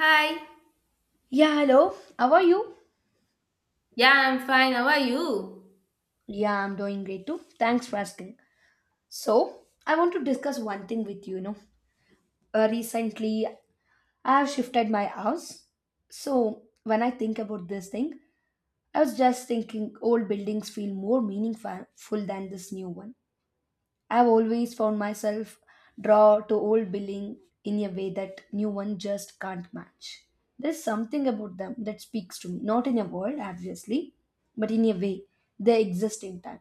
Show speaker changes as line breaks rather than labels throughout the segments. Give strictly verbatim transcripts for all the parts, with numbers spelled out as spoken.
Hi.
Yeah, hello. How are you?
Yeah, I'm fine. How are you?
Yeah, I'm doing great too. Thanks for asking. So, I want to discuss one thing with you, you know. Uh, recently, I have shifted my house. So, when I think about this thing, I was just thinking old buildings feel more meaningful than this new one. I've always found myself drawn to old building in a way that new one just can't match. There's something about them that speaks to me, not in a word, obviously, but in a way they exist in time.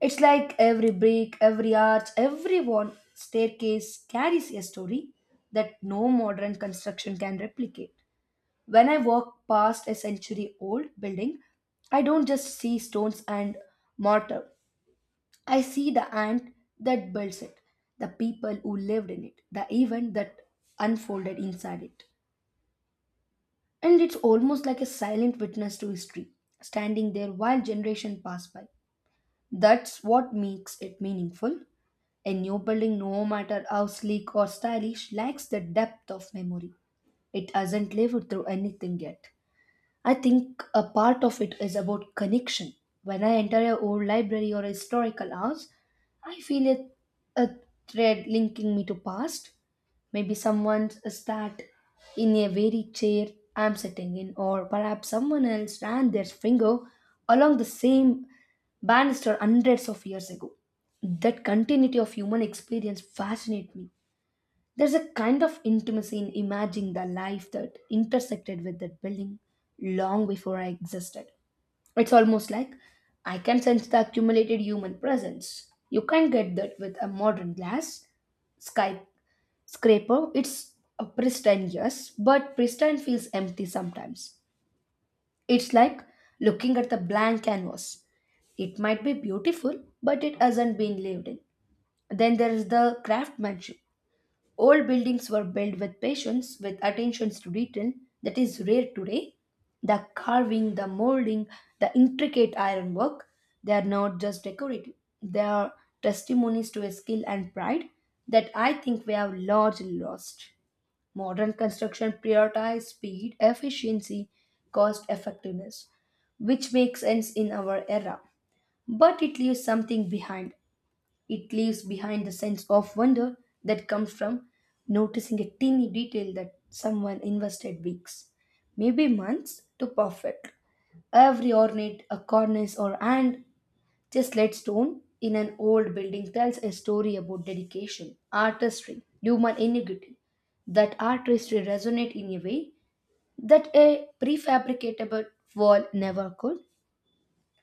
It's like every brick, every arch, every wall, staircase carries a story that no modern construction can replicate. When I walk past a century old building, I don't just see stones and mortar. I see the ant that built it, the people who lived in it, the event that unfolded inside it. And it's almost like a silent witness to history, standing there while generations pass by. That's what makes it meaningful. A new building, no matter how sleek or stylish, lacks the depth of memory. It hasn't lived through anything yet. I think a part of it is about connection. When I enter a old library or a historical house, I feel a, a thread linking me to past. Maybe someone sat in a very chair I'm sitting in, or perhaps someone else ran their finger along the same banister hundreds of years ago. That continuity of human experience fascinates me. There's a kind of intimacy in imagining the life that intersected with that building long before I existed. It's almost like I can sense the accumulated human presence. You can't get that with a modern glass sky scraper. It's a pristine, yes, but pristine feels empty sometimes. It's like looking at the blank canvas. It might be beautiful, but it hasn't been lived in. Then there is the craftsmanship. Old buildings were built with patience, with attentions to detail that is rare today. The carving, the molding, the intricate ironwork, they are not just decorative. They are testimonies to a skill and pride that I think we have largely lost. Modern construction prioritizes speed, efficiency, cost effectiveness, which makes sense in our era. But it leaves something behind it leaves behind the sense of wonder that comes from noticing a teeny detail that someone invested weeks, maybe months, to perfect. Every ornate a cornice or and just let stone in an old building tells a story about dedication, artistry, human ingenuity. That artistry resonate in a way that a prefabricatable wall never could.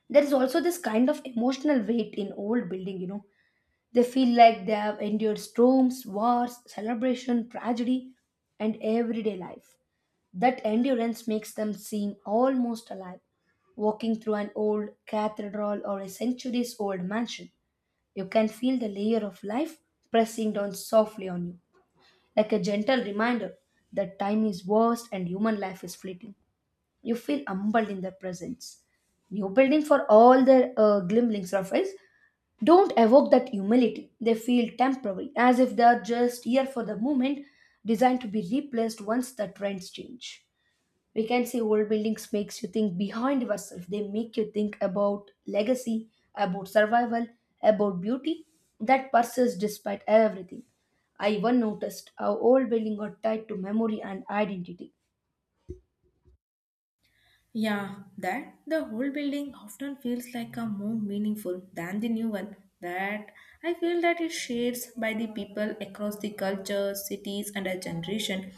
There is also this kind of emotional weight in old building, you know, they feel like they have endured storms, wars, celebration, tragedy, and everyday life. That endurance makes them seem almost alive. Walking through an old cathedral or a centuries old mansion, you can feel the layer of life pressing down softly on you, like a gentle reminder that time is vast and human life is fleeting. You feel humbled in their presence. New building for all their uh, glimmerings of it don't evoke that humility. They feel temporary, as if they are just here for the moment, designed to be replaced once the trends change. We can say old buildings makes you think behind yourself. They make you think about legacy, about survival, about beauty that persists despite everything. I even noticed how old buildings are tied to memory and identity.
Yeah, that the whole building often feels like a more meaningful than the new one. That I feel that it shares by the people across the cultures, cities, and a generation.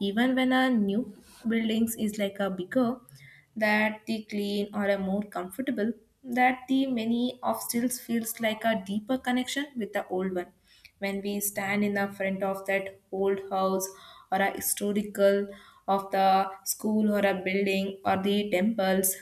Even when a new buildings is like a bigger, that the clean or a more comfortable, that the many of stills feels like a deeper connection with the old one when we stand in the front of that old house or a historical of the school or a building or the temples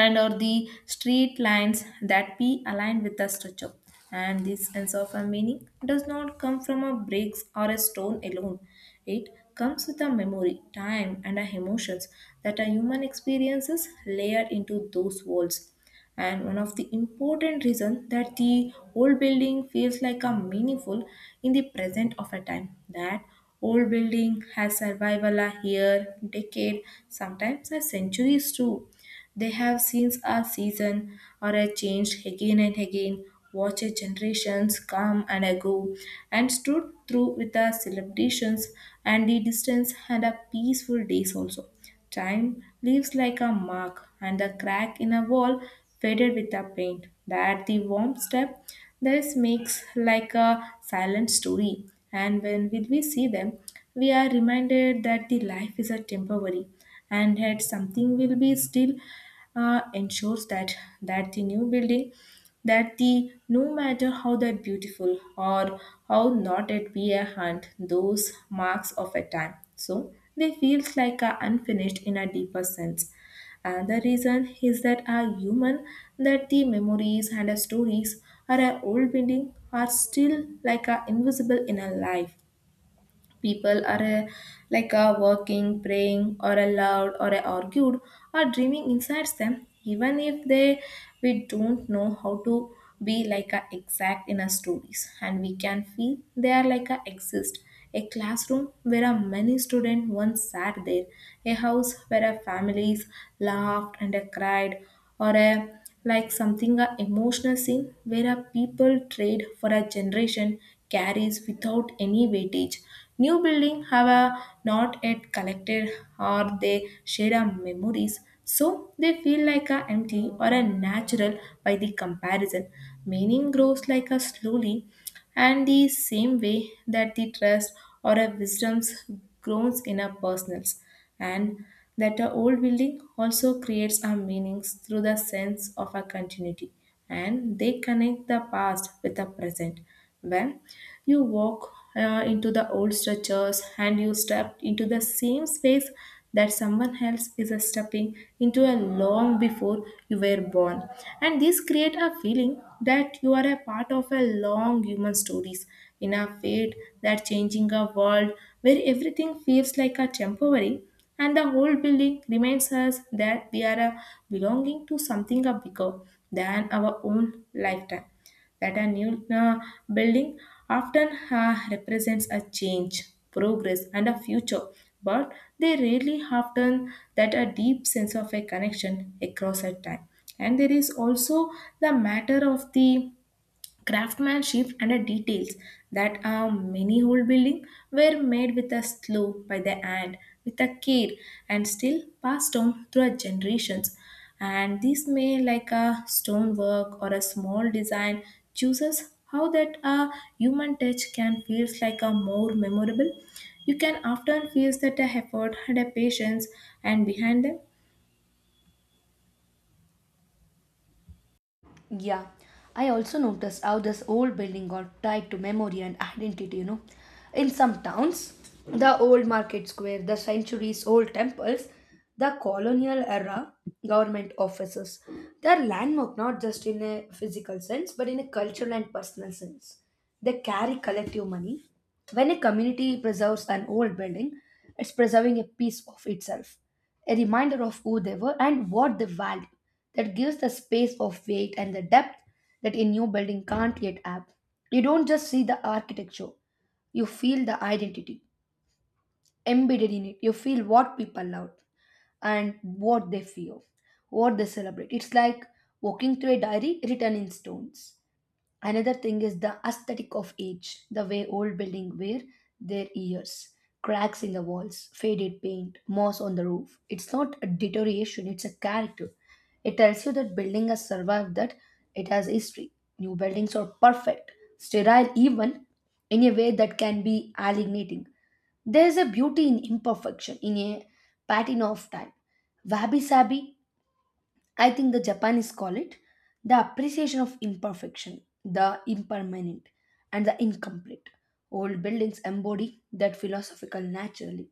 and or the street lines that be aligned with the structure. And this sense of a meaning does not come from a bricks or a stone alone. It comes with a memory, time, and a emotions that a human experiences layered into those walls. And one of the important reasons that the old building feels like a meaningful in the present of a time that old building has survival a year, decade, sometimes a centuries too, they have seen a season or a change again and again, watched generations come and go, and stood through with the celebrations and the distance and the peaceful days also. Time leaves like a mark, and the crack in a wall faded with the paint. That the warm step this makes like a silent story. And when will we see them, we are reminded that the life is a temporary and that something will be still uh, ensures that that the new building that the no matter how that beautiful or how not it be a hunt those marks of a time, so they feels like a unfinished in a deeper sense, and the reason is that a human that the memories and the stories are a old building are still like a invisible in a life. People are a, like a working, praying, or a loud, or a argued, or dreaming inside them, even if they we don't know how to be like a exact in our stories, and we can feel they are like a exist. A classroom where a many students once sat there, a house where a families laughed and a cried, or a like something a emotional scene where a people trade for a generation carries without any weightage. New building have a not yet collected or they share our memories, so they feel like a empty or a natural by the comparison. Meaning grows like a slowly and the same way that the trust or a wisdom grows in our personals, and that our old building also creates our meanings through the sense of our continuity and they connect the past with the present when. You walk uh, into the old structures and you step into the same space that someone else is stepping into a long before you were born. And this create a feeling that you are a part of a long human stories in a fate that changing a world where everything feels like a temporary, and the whole building reminds us that we are a belonging to something a bigger than our own lifetime, that a new uh, building often uh, represents a change, progress, and a future. But they rarely often that a deep sense of a connection across a time. And there is also the matter of the craftsmanship and the details that a many whole building were made with a slow by the hand with a care and still passed on through a generations, and this may like a stonework or a small design chooses how that a human touch can feels like a more memorable. You can often feel that a effort and a patience and behind them.
Yeah, I also noticed how this old building got tied to memory and identity, you know. In some towns, the old market square, the centuries old temples, the colonial era government offices, they are landmark not just in a physical sense but in a cultural and personal sense. They carry collective money. When a community preserves an old building, it's preserving a piece of itself, a reminder of who they were and what they valued that gives the space of weight and the depth that a new building can't yet have. You don't just see the architecture, you feel the identity embedded in it. You feel what people love and what they fear, what they celebrate. It's like walking through a diary written in stones. Another thing is the aesthetic of age, the way old buildings wear their years. Cracks in the walls, faded paint, moss on the roof. It's not a deterioration, it's a character. It tells you that building has survived, that it has history. New buildings are perfect, sterile even, in a way that can be alienating. There is a beauty in imperfection, in a patina of time. Wabi Sabi I think the Japanese call it the appreciation of imperfection, the impermanent, and the incomplete. Old buildings embody that philosophical naturally.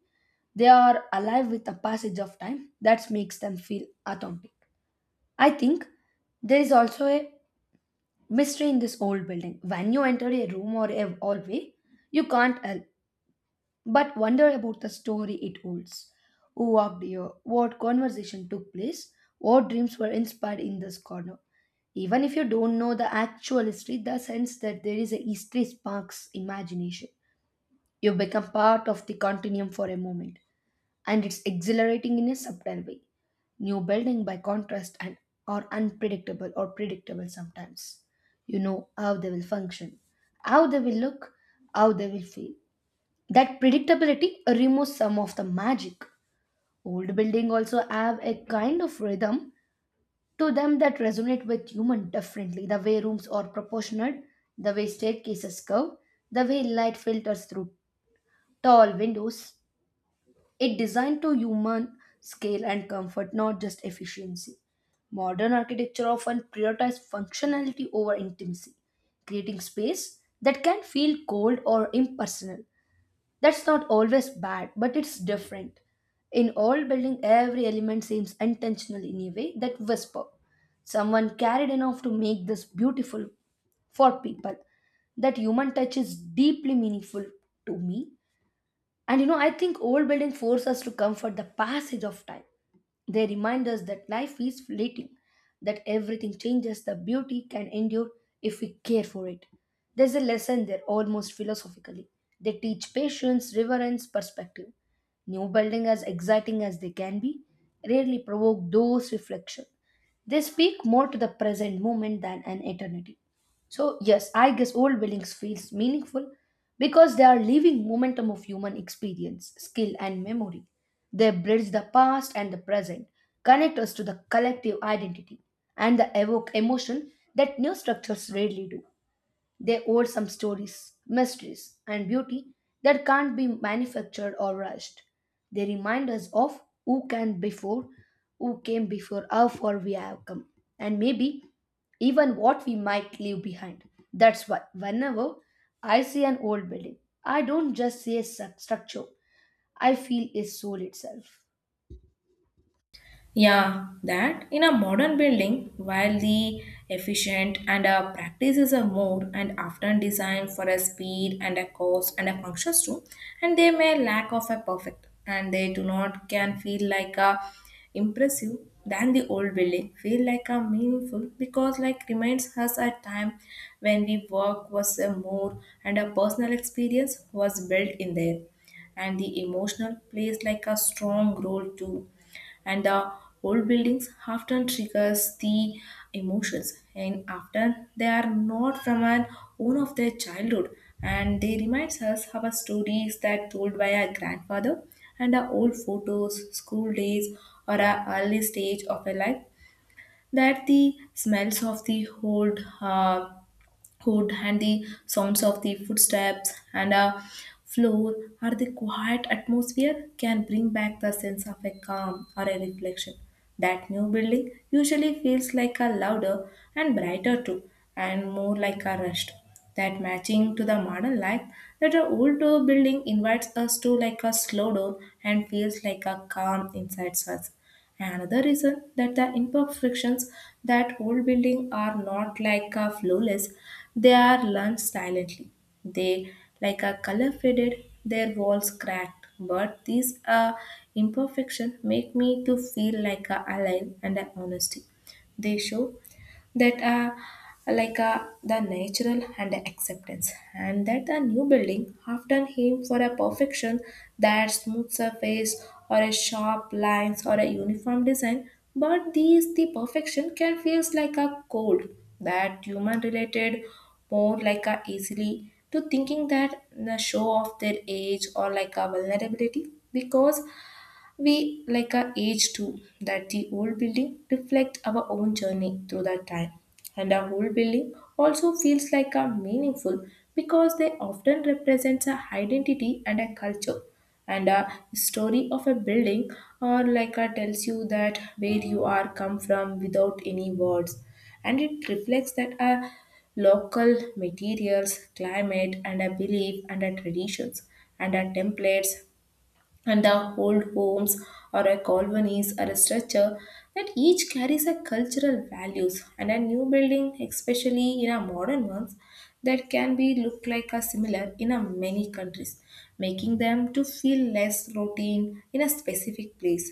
They are alive with the passage of time that makes them feel authentic. I think there is also a mystery in this old building. When you enter a room or a hallway, you can't help but wonder about the story it holds. Who walked here? What conversation took place? What dreams were inspired in this corner? Even if you don't know the actual history, the sense that there is a history sparks imagination. You become part of the continuum for a moment, and it's exhilarating in a subtle way. New building, by contrast, and are unpredictable or predictable sometimes. You know how they will function, how they will look, how they will feel. That predictability removes some of the magic. Old buildings also have a kind of rhythm to them that resonate with human differently. The way rooms are proportionate, the way staircases curve, the way light filters through tall windows. It designed to human scale and comfort, not just efficiency. Modern architecture often prioritizes functionality over intimacy, creating space that can feel cold or impersonal. That's not always bad, but it's different. In old building, every element seems intentional in a way that whisper. Someone carried enough to make this beautiful for people. That human touch is deeply meaningful to me. And you know, I think old buildings force us to comfort the passage of time. They remind us that life is fleeting, that everything changes, the beauty can endure if we care for it. There's a lesson there, almost philosophically. They teach patience, reverence, perspective. New buildings, as exciting as they can be, rarely provoke those reflections. They speak more to the present moment than an eternity. So, yes, I guess old buildings feels meaningful because they are living momentum of human experience, skill and memory. They bridge the past and the present, connect us to the collective identity, and they evoke emotion that new structures rarely do. They hold some stories, mysteries, and beauty that can't be manufactured or rushed. They remind us of who can before, who came before, how far we have come, and maybe even what we might leave behind. That's why whenever I see an old building, I don't just see a stru- structure, I feel its soul itself.
Yeah, that in a modern building, while the efficient and uh, practices are more and often designed for a speed and a cost and a functions too, and they may lack of a perfect and they do not can feel like a impressive than the old building feel like a meaningful because like reminds us a time when we work was a more and a personal experience was built in there, and the emotional plays like a strong role too, and the old buildings often triggers the emotions and often they are not from an own of their childhood, and they reminds us of our stories that told by our grandfather and our old photos school days or our early stage of our life, that the smells of the old uh, hood and the sounds of the footsteps and a floor or the quiet atmosphere can bring back the sense of a calm or a reflection. That new building usually feels like a louder and brighter too, and more like a rushed. That matching to the modern life, that an old uh, building invites us to like a slow down and feels like a calm inside us. Another reason that the imperfections, that old buildings are not like a flawless, they are learned silently. They like a color faded, their walls cracked. But these uh, imperfection make me to feel like a alive and a honesty. They show that are like uh, the natural and the acceptance, and that a new building often aim for a perfection, that smooth surface or a sharp lines or a uniform design, but these the perfection can feels like a cold, that human related more like a easily to thinking that the show of their age or like a vulnerability, because we like our age too, that the old building reflect our own journey through that time. And our old building also feels like a meaningful because they often represents a identity and a culture. And a story of a building or like a tells you that where you are come from without any words. And it reflects that a local materials, climate, and a belief and a traditions and a templates and the old homes or a colonies or a structure that each carries a cultural values, and a new building especially in our modern ones that can be look like a similar in a many countries, making them to feel less routine in a specific place,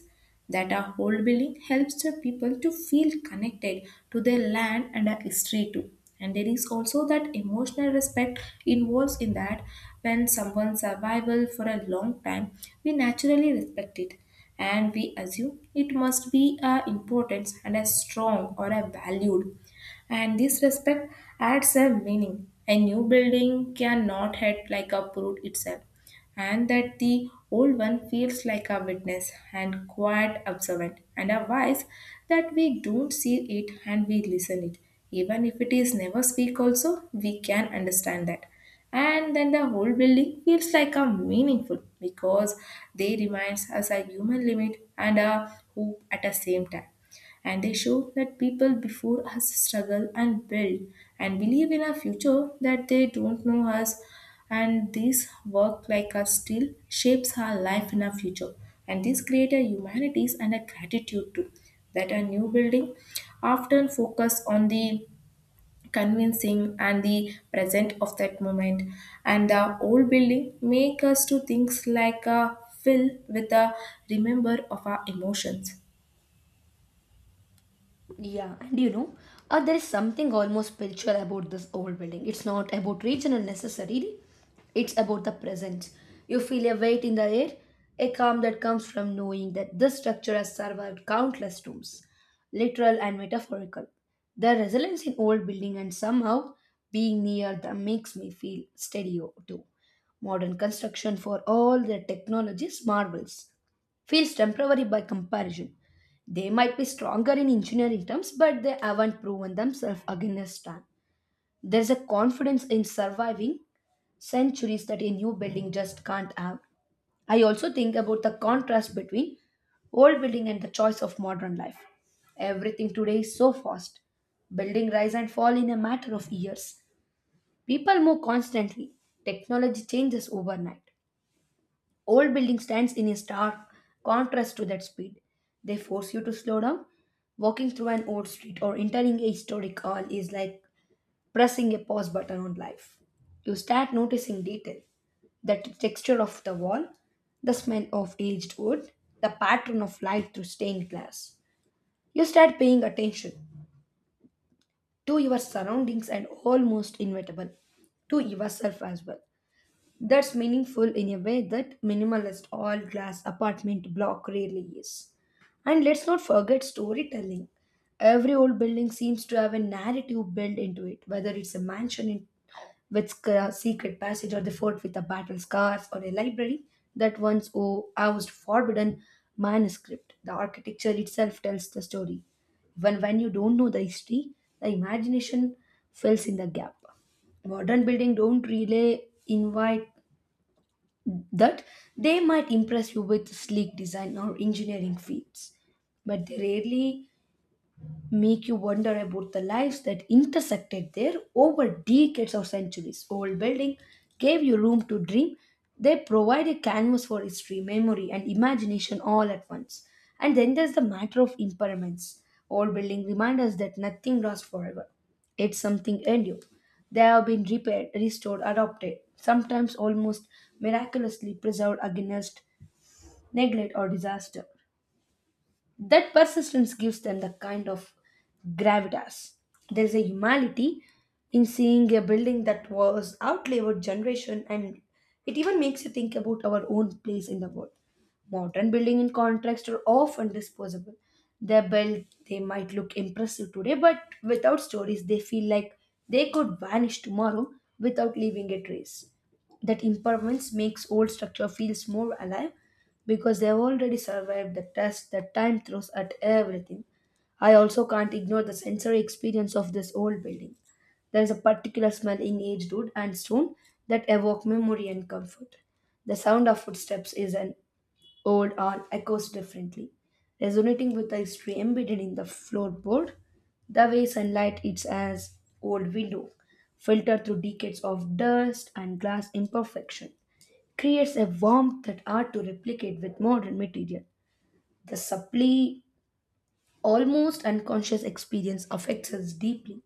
that our old building helps the people to feel connected to their land and our history too, and there is also that emotional respect involves in that when someone's survival for a long time we naturally respect it, and we assume it must be a importance and a strong or a valued, and this respect adds a meaning. A new building cannot head like a uproot itself, and that the old one feels like a witness and quiet observant and a voice that we don't see it and we listen it, even if it is never speak also we can understand that. And then the whole building feels like a meaningful because they reminds us a human limit and a hope at the same time, and they show that people before us struggle and build and believe in a future that they don't know us, and this work like us still shapes our life in our future, and this create a humanities and a gratitude too, that a new building often focus on the convincing and the present of that moment, and the old building make us to things like a fill with a remember of our emotions.
Yeah, and you know, uh, there is something almost spiritual about this old building. It's not about regional necessarily, it's about the presence. You feel a weight in the air, a calm that comes from knowing that this structure has survived countless storms, literal and metaphorical. The resilience in old building and somehow being near them makes me feel steadier too. Modern construction for all their technologies marvels feels temporary by comparison. They might be stronger in engineering terms, but they haven't proven themselves against time. There's a confidence in surviving centuries that a new building just can't have. I also think about the contrast between old building and the choice of modern life. Everything today is so fast. Building rise and fall in a matter of years. People move constantly. Technology changes overnight. Old building stands in a stark contrast to that speed. They force you to slow down. Walking through an old street or entering a historic hall is like pressing a pause button on life. You start noticing detail, the t- texture of the wall, the smell of aged wood, the pattern of light through stained glass. You start paying attention to your surroundings and almost inevitable to yourself as well. That's meaningful in a way that minimalist all glass apartment block rarely is. And let's not forget storytelling. Every old building seems to have a narrative built into it, whether it's a mansion in, with sc- uh, secret passage or the fort with the battle scars or a library that once o- housed forbidden manuscript. The architecture itself tells the story. Even when you don't know the history, the imagination fills in the gap modern building don't really invite that they might impress you with sleek design or engineering feats, but they rarely make you wonder about the lives that intersected there over decades or centuries. Old buildings gave you room to dream. They provide a canvas for history, memory, and imagination all at once. And then there's the matter of impermanence. Old buildings remind us that nothing lasts forever. It's something endure. They have been repaired, restored, adopted, sometimes almost miraculously preserved against neglect or disaster that persistence gives them the kind of gravitas. There is a humanity in seeing a building that was outlived generation, and it even makes you think about our own place in the world. Modern building, in contrast, are often disposable. They're built, they might look impressive today, but without stories, they feel like they could vanish tomorrow without leaving a trace. That impermanence makes old structure feels more alive because they've already survived the test that time throws at everything. I also can't ignore the sensory experience of this old building. There is a particular smell in aged wood and stone that evoke memory and comfort. The sound of footsteps is an old on echoes differently, resonating with the history embedded in the floorboard. The way sunlight hits as old window, filtered through decades of dust and glass imperfection creates a warmth that hard to replicate with modern material. The subtly, almost unconscious experience affects us deeply.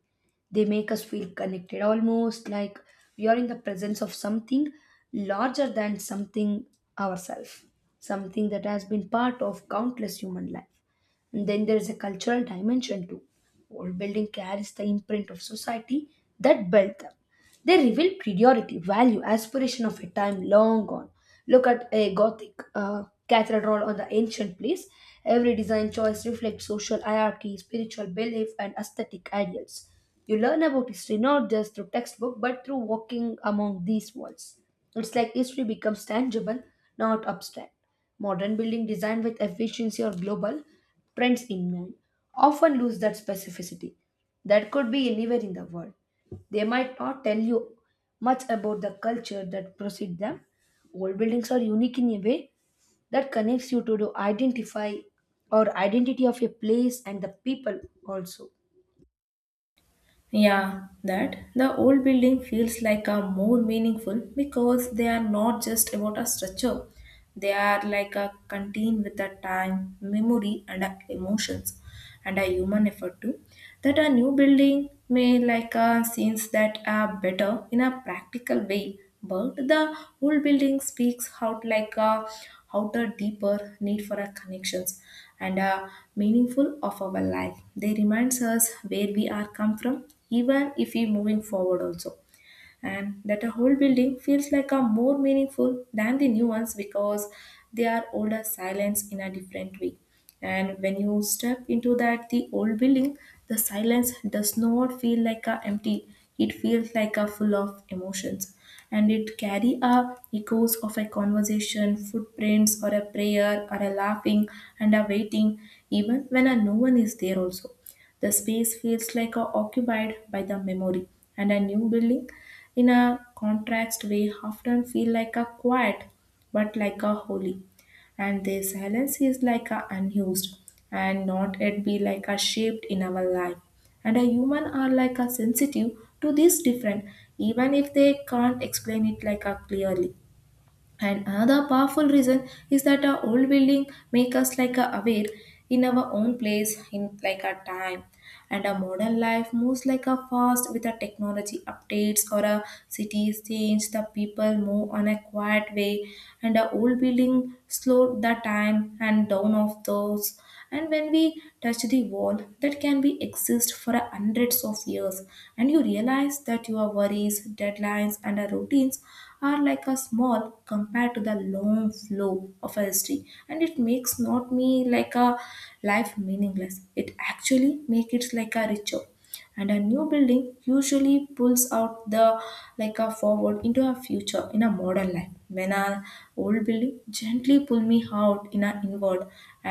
They make us feel connected, almost like we are in the presence of something larger than something ourselves, something that has been part of countless human life. And then there is a cultural dimension too. Old building carries the imprint of society that built them they reveal priority, value, aspiration of a time long gone. Look at a Gothic uh, cathedral or the ancient place. Every design choice reflects social hierarchy, spiritual belief, and aesthetic ideals. You learn about history not just through textbook but through walking among these walls. It's like history becomes tangible, not abstract. Modern building designed with efficiency or global trends in mind often lose that specificity. That could be anywhere in the world. They might not tell you much about the culture that preceded them. Old buildings are unique in a way that connects you to the identify or identity of a place and the people also.
Yeah, that the old building feels like a more meaningful because they are not just about a structure. They are like a contain with a time, memory and a emotions and a human effort too. That a new building may like a scenes that are better in a practical way, but the old building speaks out like a outer deeper need for a connections and uh, meaningful of our life. They reminds us where we are come from, even if we moving forward also, and that a whole building feels like a more meaningful than the new ones because they are older silence in a different way, and when you step into that the old building the silence does not feel like a empty, it feels like a full of emotions, and it carry a echoes of a conversation footprints or a prayer or a laughing and a waiting, even when a no one is there also the space feels like a occupied by the memory, and a new building, in a contrast way, often feel like a quiet, but like a holy. And this silence is like a unused, and not yet be like a shaped in our life. And a human are like a sensitive to this different, even if they can't explain it like a clearly. And another powerful reason is that our old building make us like a aware in our own place, in like a time. And our modern life moves like a fast with the technology updates or a cities change, the people move on a quiet way, and our old building slow the time and down of those and when we touch the wall that can be exist for hundreds of years and you realize that your worries deadlines and our routines are like a small compared to the long flow of a history, and it makes not me like a life meaningless, it actually make it like a richer. And a new building usually pulls out the like a forward into a future in a modern life, when an old building gently pull me out in a inward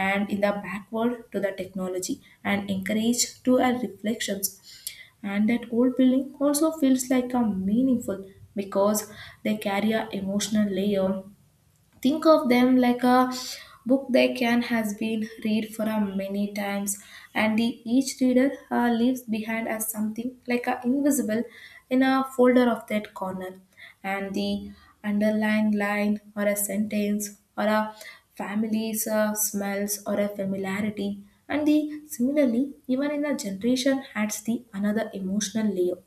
and in the backward to the technology and encourage to a reflections. And that old building also feels like a meaningful because they carry a emotional layer. Think of them like a book they can has been read for a many times, and the, each reader uh, leaves behind as something like a invisible in a folder of that corner, and the underlined line or a sentence or a family's uh, smells or a familiarity. And the similarly even in a generation adds the another emotional layer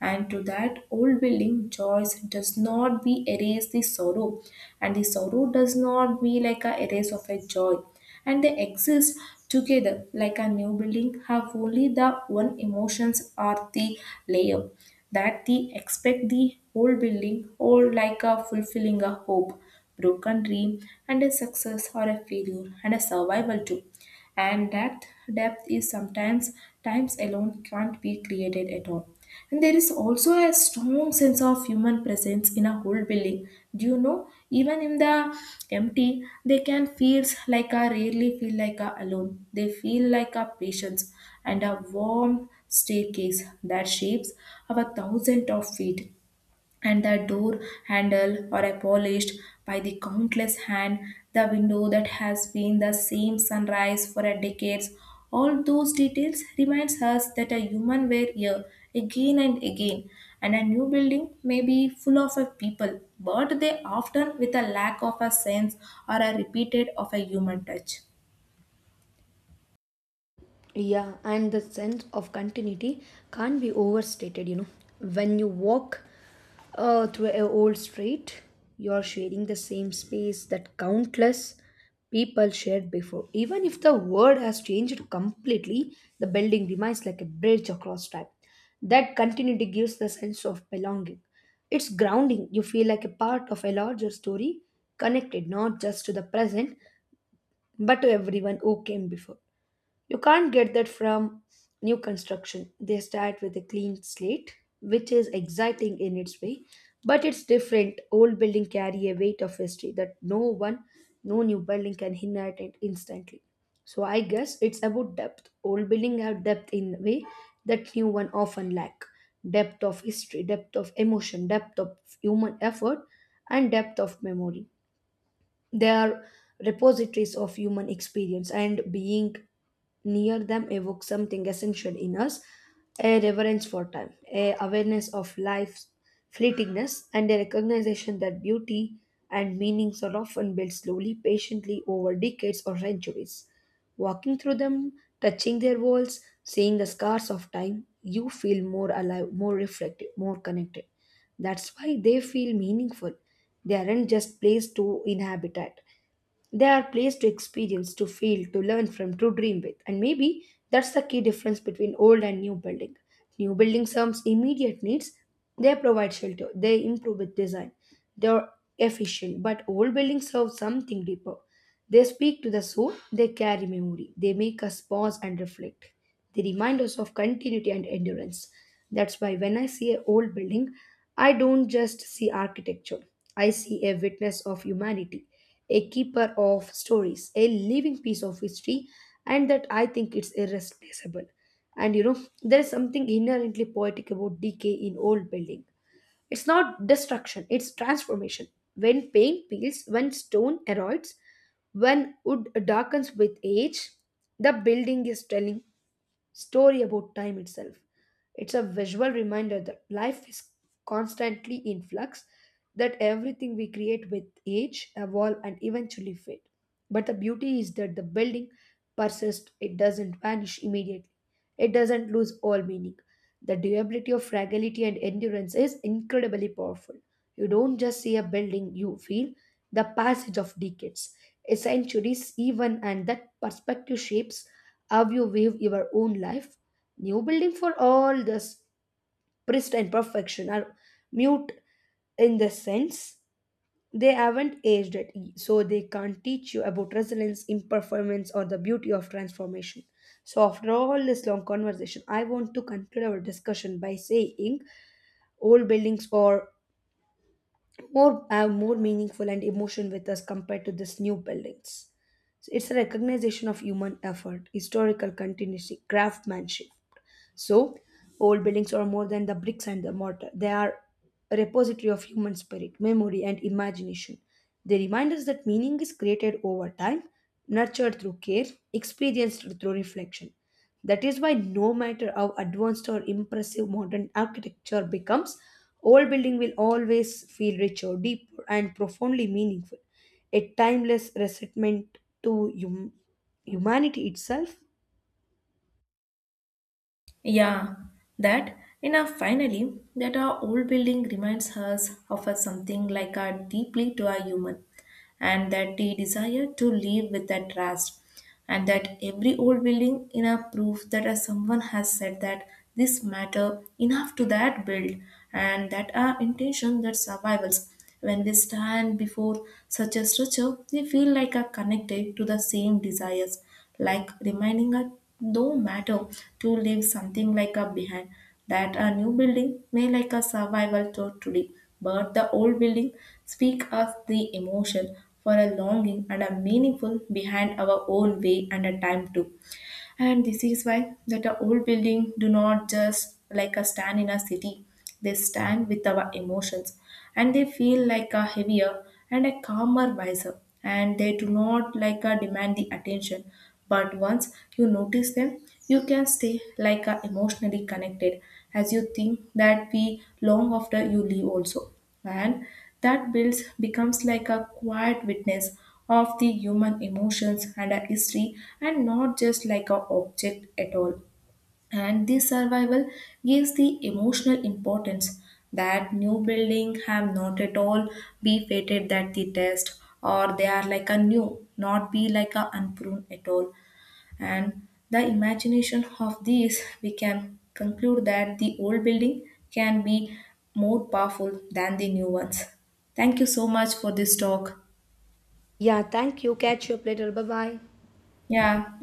and to that old building, choice does not be erase the sorrow, and the sorrow does not be like a erase of a joy. And they exist together, like a new building have only the one emotions are the layer that they expect the whole building or like a fulfilling a hope, broken dream and a success or a failure and a survival too. And that depth is sometimes times alone can't be created at all. And there is also a strong sense of human presence in a whole building. Do you know? Even in the empty, they can feel like a rarely feel like a alone. They feel like a patience and a warm staircase that shapes our thousand of feet, and the door handle are polished by the countless hand, the window that has been the same sunrise for a decades. All those details reminds us that a human were here again and again. And a new building may be full of a people, but they often with a lack of a sense or a repeated of a human touch.
Yeah, and the sense of continuity can't be overstated, you know. When you walk uh, through a old street, you're sharing the same space that countless people shared before. Even if the world has changed completely, the building remains like a bridge across time. That continuity gives the sense of belonging. It's grounding. You feel like a part of a larger story, connected not just to the present, but to everyone who came before. You can't get that from new construction. They start with a clean slate, which is exciting in its way, but it's different. Old building carry a weight of history that no one, no new building can inherit it instantly. So I guess it's about depth. Old building have depth in a way that new one often lack. Depth of history, depth of emotion, depth of human effort, and depth of memory. They are repositories of human experience, and being near them evokes something essential in us a reverence for time, a awareness of life's fleetingness, and a recognition that beauty and meanings are often built slowly, patiently over decades or centuries. Walking through them, touching their walls, seeing the scars of time, you feel more alive, more reflective, more connected. That's why they feel meaningful. They aren't just place to inhabit at. They are placed to experience, to feel, to learn from, to dream with. And maybe that's the key difference between old and new building. New building serves immediate needs. They provide shelter. They improve with design. They are efficient. But old buildings serve something deeper. They speak to the soul. They carry memory. They make us pause and reflect. They remind us of continuity and endurance. That's why when I see an old building, I don't just see architecture. I see a witness of humanity a keeper of stories, a living piece of history, and that I think it's irreplaceable. And you know, there's something inherently poetic about decay in old building. It's not destruction, it's transformation. When paint peels, when stone erodes, when wood darkens with age, the building is telling story about time itself. It's a visual reminder that life is constantly in flux, that everything we create with age, evolve, and eventually fade. But the beauty is that the building persists, it doesn't vanish immediately, it doesn't lose all meaning. The durability of fragility and endurance is incredibly powerful. You don't just see a building, you feel the passage of decades, centuries, even, and that perspective shapes how you view your own life. New building for all this pristine perfection are mute in the sense they haven't aged it, so they can't teach you about resilience, imperformance, or the beauty of transformation. So, after all this long conversation, I want to conclude our discussion by saying old buildings or more have more meaningful and emotion with us compared to these new buildings. So it's a recognition of human effort, historical continuity, craftsmanship, so, old buildings are more than the bricks and the mortar. They are a repository of human spirit, memory, and imagination. They remind us that meaning is created over time, nurtured through care, experienced through reflection. That is why, no matter how advanced or impressive modern architecture becomes, old building will always feel richer, deeper, and profoundly meaningful. A timeless resentment to hum- humanity itself.
Yeah, that and uh, finally that our old building reminds us of a something like a deeply to a human, and that the desire to live with that trust, and that every old building in a proof that uh, someone has said that this matter enough to that build, and that our intention that survivals. When we stand before such a structure, we feel like are connected to the same desires, like reminding us, no matter to leave something like a behind, that a new building may like a survival to today, but the old building speak us the emotion for a longing and a meaningful behind our own way and a time too. And this is why that the old building do not just like a stand in a city, they stand with our emotions and they feel like a heavier and a calmer wiser, and they do not like a demand the attention. But once you notice them, you can stay like a emotionally connected as you think that we long after you leave also. And that builds becomes like a quiet witness of the human emotions and a history, and not just like a object at all. And this survival gives the emotional importance that new building have not at all, be fated that the test or they are like a new, not be like a unpruned at all. And the imagination of these we can conclude that the old building can be more powerful than the new ones. Thank you so much for this talk.
Yeah, thank you. Catch you up later. Bye bye.
Yeah.